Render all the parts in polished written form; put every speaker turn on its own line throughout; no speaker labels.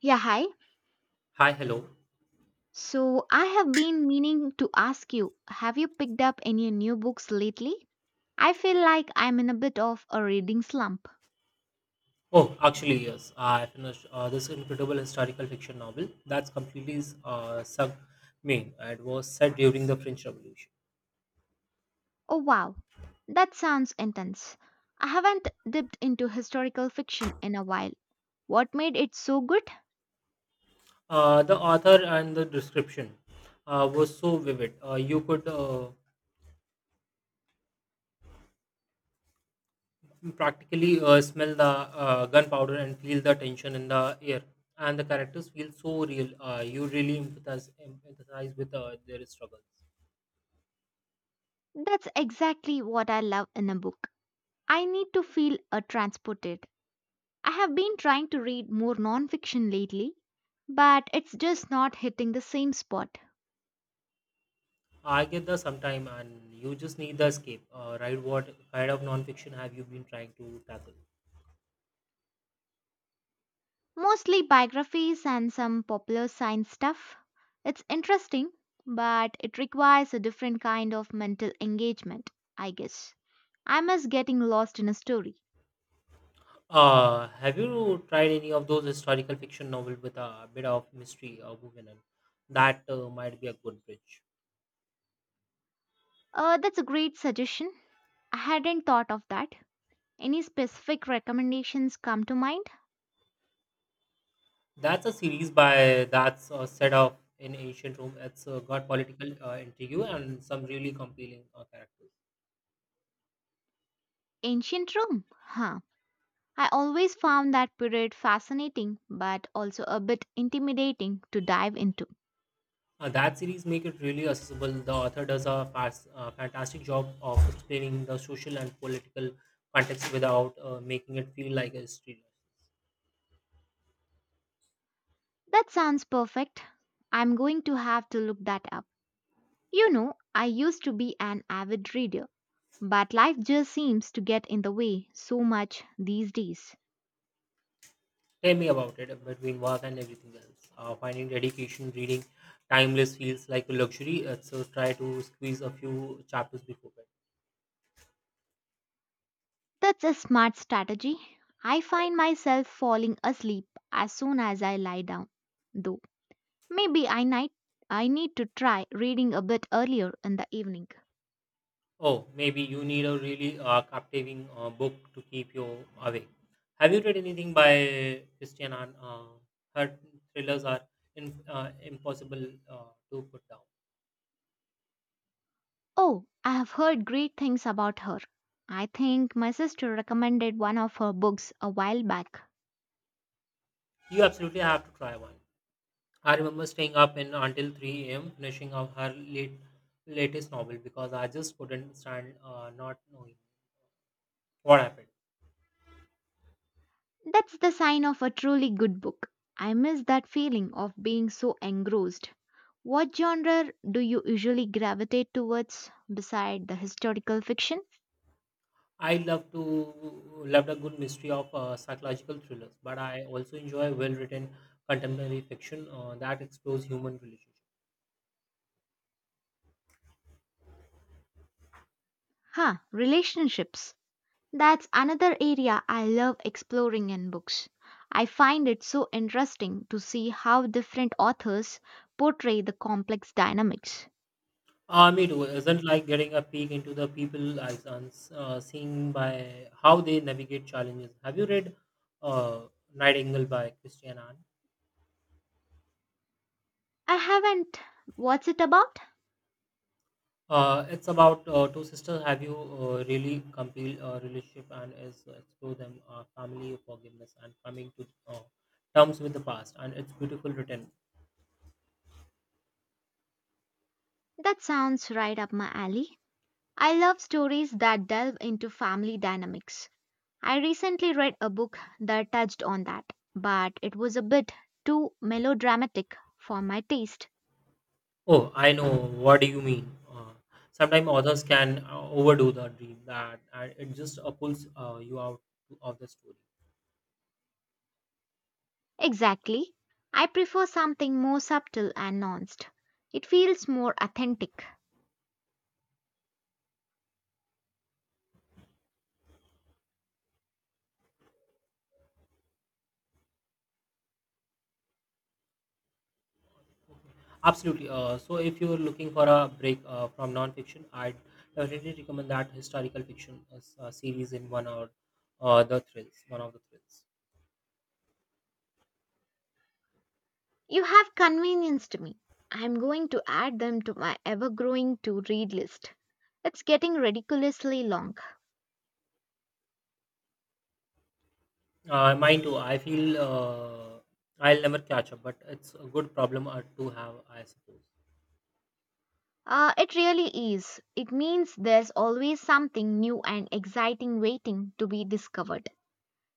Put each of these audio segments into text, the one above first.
Yeah, hi.
Hi, hello.
So I have been meaning to ask you, have you picked up any new books lately? I feel like I'm in a bit of a reading slump.
Oh, actually, yes. I finished this incredible historical fiction novel that's completely sunk me. It was set during the French Revolution.
Oh wow, that sounds intense. I haven't dipped into historical fiction in a while. What made it so good?
The author and the description was so vivid. You could practically smell the gunpowder and feel the tension in the air. And the characters feel so real. You really empathize with their struggles.
That's exactly what I love in a book. I need to feel transported. I have been trying to read more non-fiction lately, but it's just not hitting the same spot.
I get the sometime, and you just need the escape. Right? What kind of non-fiction have you been trying to tackle?
Mostly biographies and some popular science stuff. It's interesting, but it requires a different kind of mental engagement, I guess. I miss getting lost in a story.
Have you tried any of those historical fiction novels with a bit of mystery woven in? That might be a good bridge.
That's a great suggestion. I hadn't thought of that. Any specific recommendations come to mind?
That's a series by that's set up in ancient Rome. It's got political intrigue and some really compelling characters.
Ancient Rome? Huh. I always found that period fascinating, but also a bit intimidating to dive into.
That series make it really accessible. The author does a fantastic job of explaining the social and political context without making it feel like a history lesson.
That sounds perfect. I'm going to have to look that up. You know, I used to be an avid reader, but life just seems to get in the way so much these days.
Tell me about it between work and everything else. Finding dedication, reading timeless feels like a luxury. So try to squeeze a few chapters before bed.
That's a smart strategy. I find myself falling asleep as soon as I lie down, though. Maybe I need, I need to try reading a bit earlier in the evening.
Oh, maybe you need a really captivating book to keep you awake. Have you read anything by Christian Ann? Her thrillers are impossible to put down.
Oh, I have heard great things about her. I think my sister recommended one of her books a while back.
You absolutely have to try one. I remember staying up in until 3 a.m. finishing up her latest novel because I just couldn't stand not knowing what happened.
That's the sign of a truly good book. I miss that feeling of being so engrossed. What genre do you usually gravitate towards beside the historical fiction?
I love a good mystery of psychological thrillers, but I also enjoy well-written contemporary fiction that explores human relationships.
Huh, relationships. That's another area I love exploring in books. I find it so interesting to see how different authors portray the complex dynamics.
Me too. Isn't like getting a peek into the people eyes and seeing by how they navigate challenges. Have you read uh, Nightingale by Christian Anne?
I haven't. What's it about?
It's about two sisters. Have you really compiled a relationship and is explore them family forgiveness and coming to terms with the past? And it's beautiful written.
That sounds right up my alley. I love stories that delve into family dynamics. I recently read a book that touched on that, but it was a bit too melodramatic for my taste.
Oh, I know. What do you mean? Sometimes authors can overdo the dream that it just pulls you out of the story.
Exactly. I prefer something more subtle and nuanced. It feels more authentic.
Absolutely. So, if you're looking for a break from nonfiction, I'd definitely recommend that historical fiction series in one or one of the thrills.
You have convenienced me. I'm going to add them to my ever growing to read list. It's getting ridiculously long.
Mine too. I feel I'll never catch up, but it's a good problem to have, I suppose.
It really is. It means there's always something new and exciting waiting to be discovered.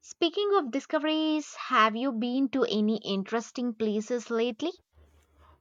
Speaking of discoveries, have you been to any interesting places lately?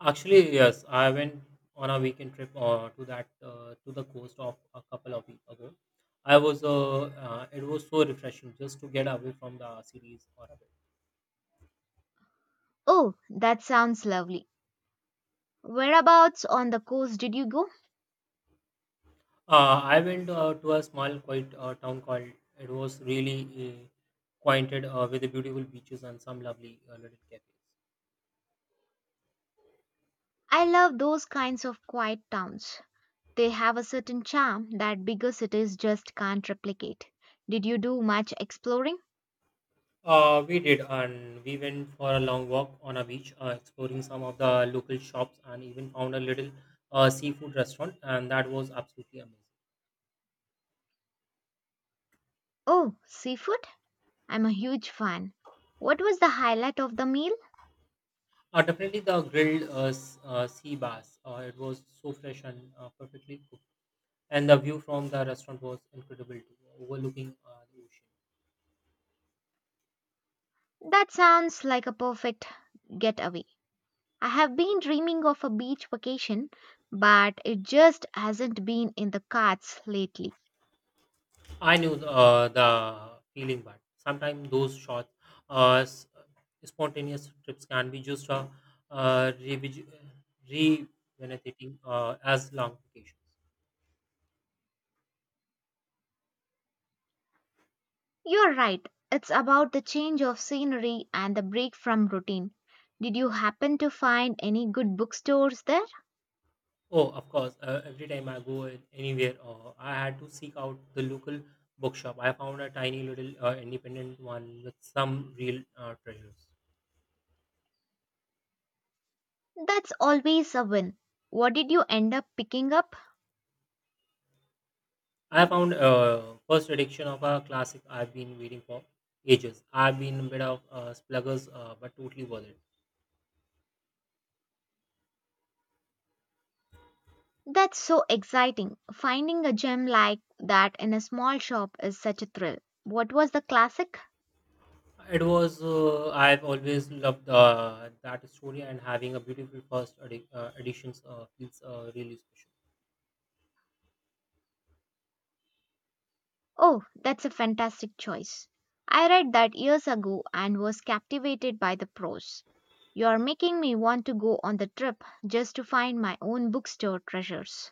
Actually, yes, I went on a weekend trip to the coast of a couple of weeks ago. I was it was so refreshing just to get away from the cities for a bit.
Oh, that sounds lovely. Whereabouts on the coast did you go?
I went to a small quiet town called. It was really uh, quainted with the beautiful beaches and some lovely little cafes.
I love those kinds of quiet towns. They have a certain charm that bigger cities just can't replicate. Did you do much exploring?
We did, and we went for a long walk on a beach, exploring some of the local shops, and even found a little seafood restaurant, and that was absolutely amazing.
Oh, seafood? I'm a huge fan. What was the highlight of the meal?
Definitely the grilled sea bass. It was so fresh and perfectly cooked, and the view from the restaurant was incredible too, overlooking the ocean.
That sounds like a perfect getaway. I have been dreaming of a beach vacation, but it just hasn't been in the cards lately.
I knew the feeling, but sometimes those uh, s- spontaneous trips can be just uh, revig- rejuvenating as long vacations.
You're right, it's about the change of scenery and the break from routine. Did you happen to find any good bookstores there?
Oh, of course. Every time I anywhere, I had to seek out the local bookshop. I found a tiny little independent one with some real treasures.
That's always a win. What did you end up picking up?
I found first edition of a classic I've been waiting for ages. I've been a bit of spluggers, but totally worth it.
That's so exciting. Finding a gem like that in a small shop is such a thrill. What was the classic?
It was I've always loved that story, and having a beautiful editions feels really special.
Oh, that's a fantastic choice. I read that years ago and was captivated by the prose. You're making me want to go on the trip just to find my own bookstore treasures.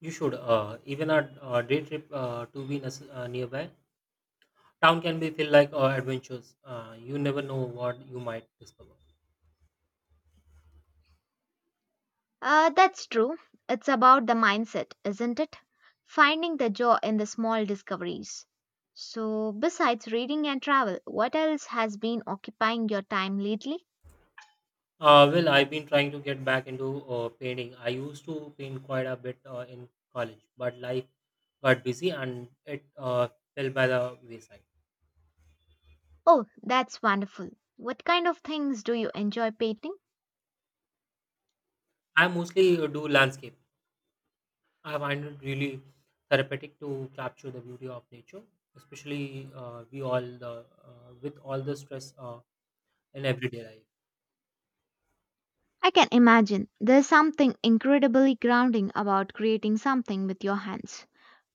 You should even a day trip to be nes- nearby town can be feel like adventures. You never know what you might discover.
That's true. It's about the mindset, isn't it? Finding the joy in the small discoveries. So, besides reading and travel, what else has been occupying your time lately?
Well, I've been trying to get back into painting. I used to paint quite a bit in college, but life got busy and it fell by the wayside.
Oh, that's wonderful. What kind of things do you enjoy painting?
I mostly do landscape. I find it really therapeutic to capture the beauty of nature, especially we all the with all the stress in everyday life.
I can imagine there's something incredibly grounding about creating something with your hands.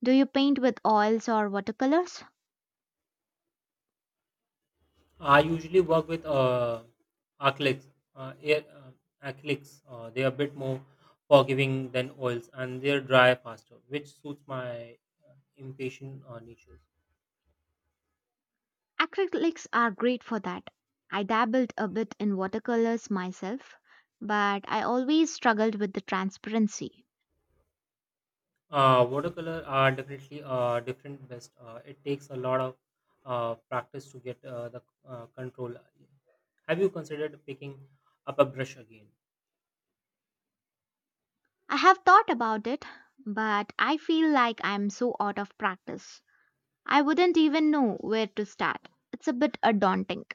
Do you paint with oils or watercolors?
I usually work with acrylics. Acrylics. They are a bit more forgiving than oils, and they are dry faster, which suits my impatient nature.
Acrylics are great for that. I dabbled a bit in watercolors myself, but I always struggled with the transparency.
Watercolor are definitely different best. It takes a lot of practice to get the control. Have you considered picking up a brush again?
I have thought about it, but I feel like I'm so out of practice. I wouldn't even know where to start. It's a bit daunting.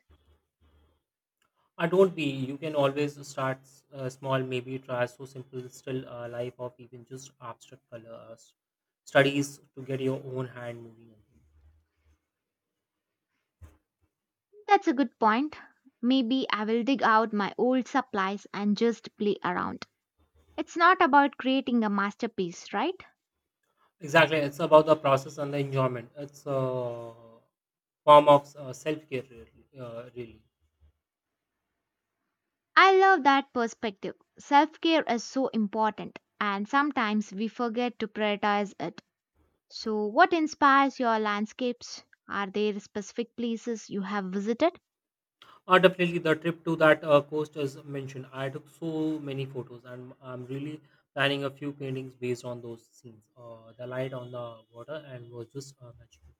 Don't be. You can always start small. Maybe try so simple, still life of even just abstract color studies to get your own hand moving.
That's a good point. Maybe I will dig out my old supplies and just play around. It's not about creating a masterpiece, right?
Exactly, it's about the process and the enjoyment. It's a form of self care, really.
I love that perspective. Self care is so important, and sometimes we forget to prioritize it. So, what inspires your landscapes? Are there specific places you have visited?
Definitely, the trip to that coast is mentioned. I took so many photos, and I'm really planning a few paintings based on those scenes. The light on the water and was just magical.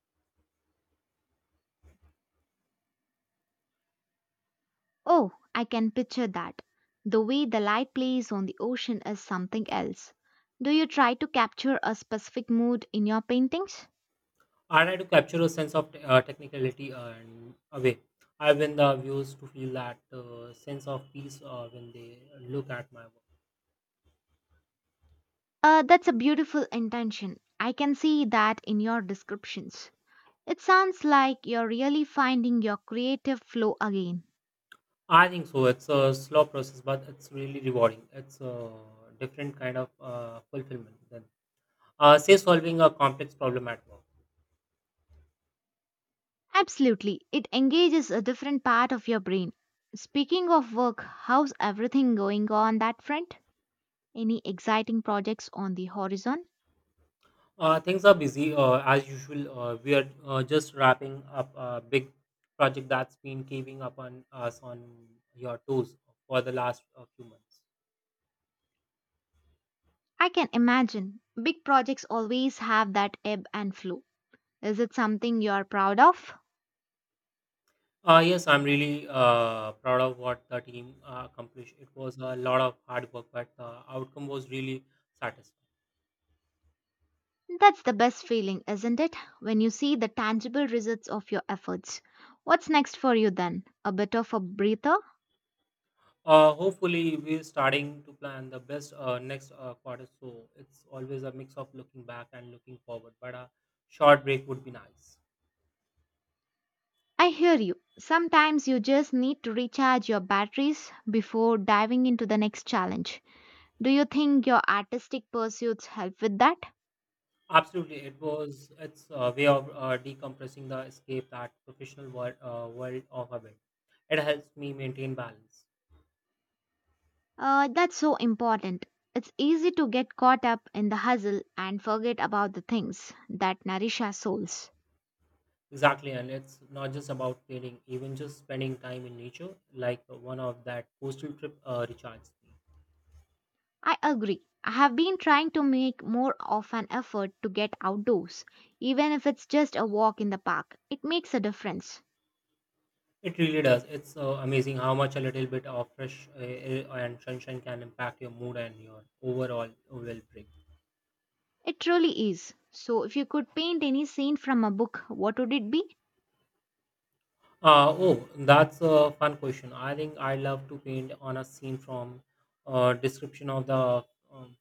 Oh, I can picture that. The way the light plays on the ocean is something else. Do you try to capture a specific mood in your paintings?
I try to capture a sense of technicality and away. I win the viewers to feel that sense of peace when they look at my work.
That's a beautiful intention. I can see that in your descriptions. It sounds like you're really finding your creative flow again.
I think so. It's a slow process, but it's really rewarding. It's a different kind of fulfillment than say, solving a complex problem at work.
Absolutely, it engages a different part of your brain. Speaking of work, how's everything going on that front? Any exciting projects on the horizon?
Things are busy as usual. We are just wrapping up a big project that's been keeping up on us on your toes for the last few months.
I can imagine. Big projects always have that ebb and flow. Is it something you're proud of?
Yes, I'm really proud of what the team accomplished. It was a lot of hard work, but the outcome was really satisfying.
That's the best feeling, isn't it? When you see the tangible results of your efforts. What's next for you then? A bit of a breather?
Hopefully, we're starting to plan the best next quarter, so it's always a mix of looking back and looking forward. But a short break would be nice.
I hear you. Sometimes you just need to recharge your batteries before diving into the next challenge. Do you think your artistic pursuits help with that?
Absolutely, it was. It's a way of decompressing the escape that professional world of a bit. It helps me maintain balance.
That's so important. It's easy to get caught up in the hustle and forget about the things that nourish our souls.
Exactly, and it's not just about cleaning, even just spending time in nature, like one of that coastal trip recharges me.
I agree. I have been trying to make more of an effort to get outdoors, even if it's just a walk in the park. It makes a difference.
It really does. It's amazing how much a little bit of fresh air and sunshine can impact your mood and your overall well being.
It truly is. So, if you could paint any scene from a book, what would it be?
Oh, that's a fun question. I think I love to paint on a scene from description of the um,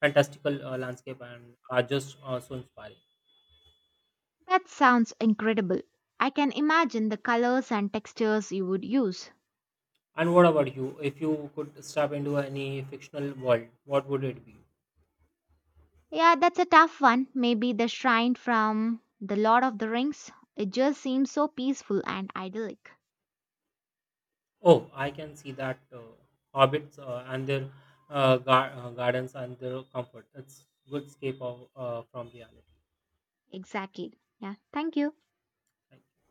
fantastical landscape and are just so inspiring.
That sounds incredible. I can imagine the colors and textures you would use.
And what about you? If you could step into any fictional world, what would it be?
Yeah, that's a tough one. Maybe the shrine from The Lord of the Rings. It just seems so peaceful and idyllic.
Oh, I can see that hobbits and their gardens and their comfort. It's good escape of, from reality.
Exactly. Yeah, thank you.
Thank you.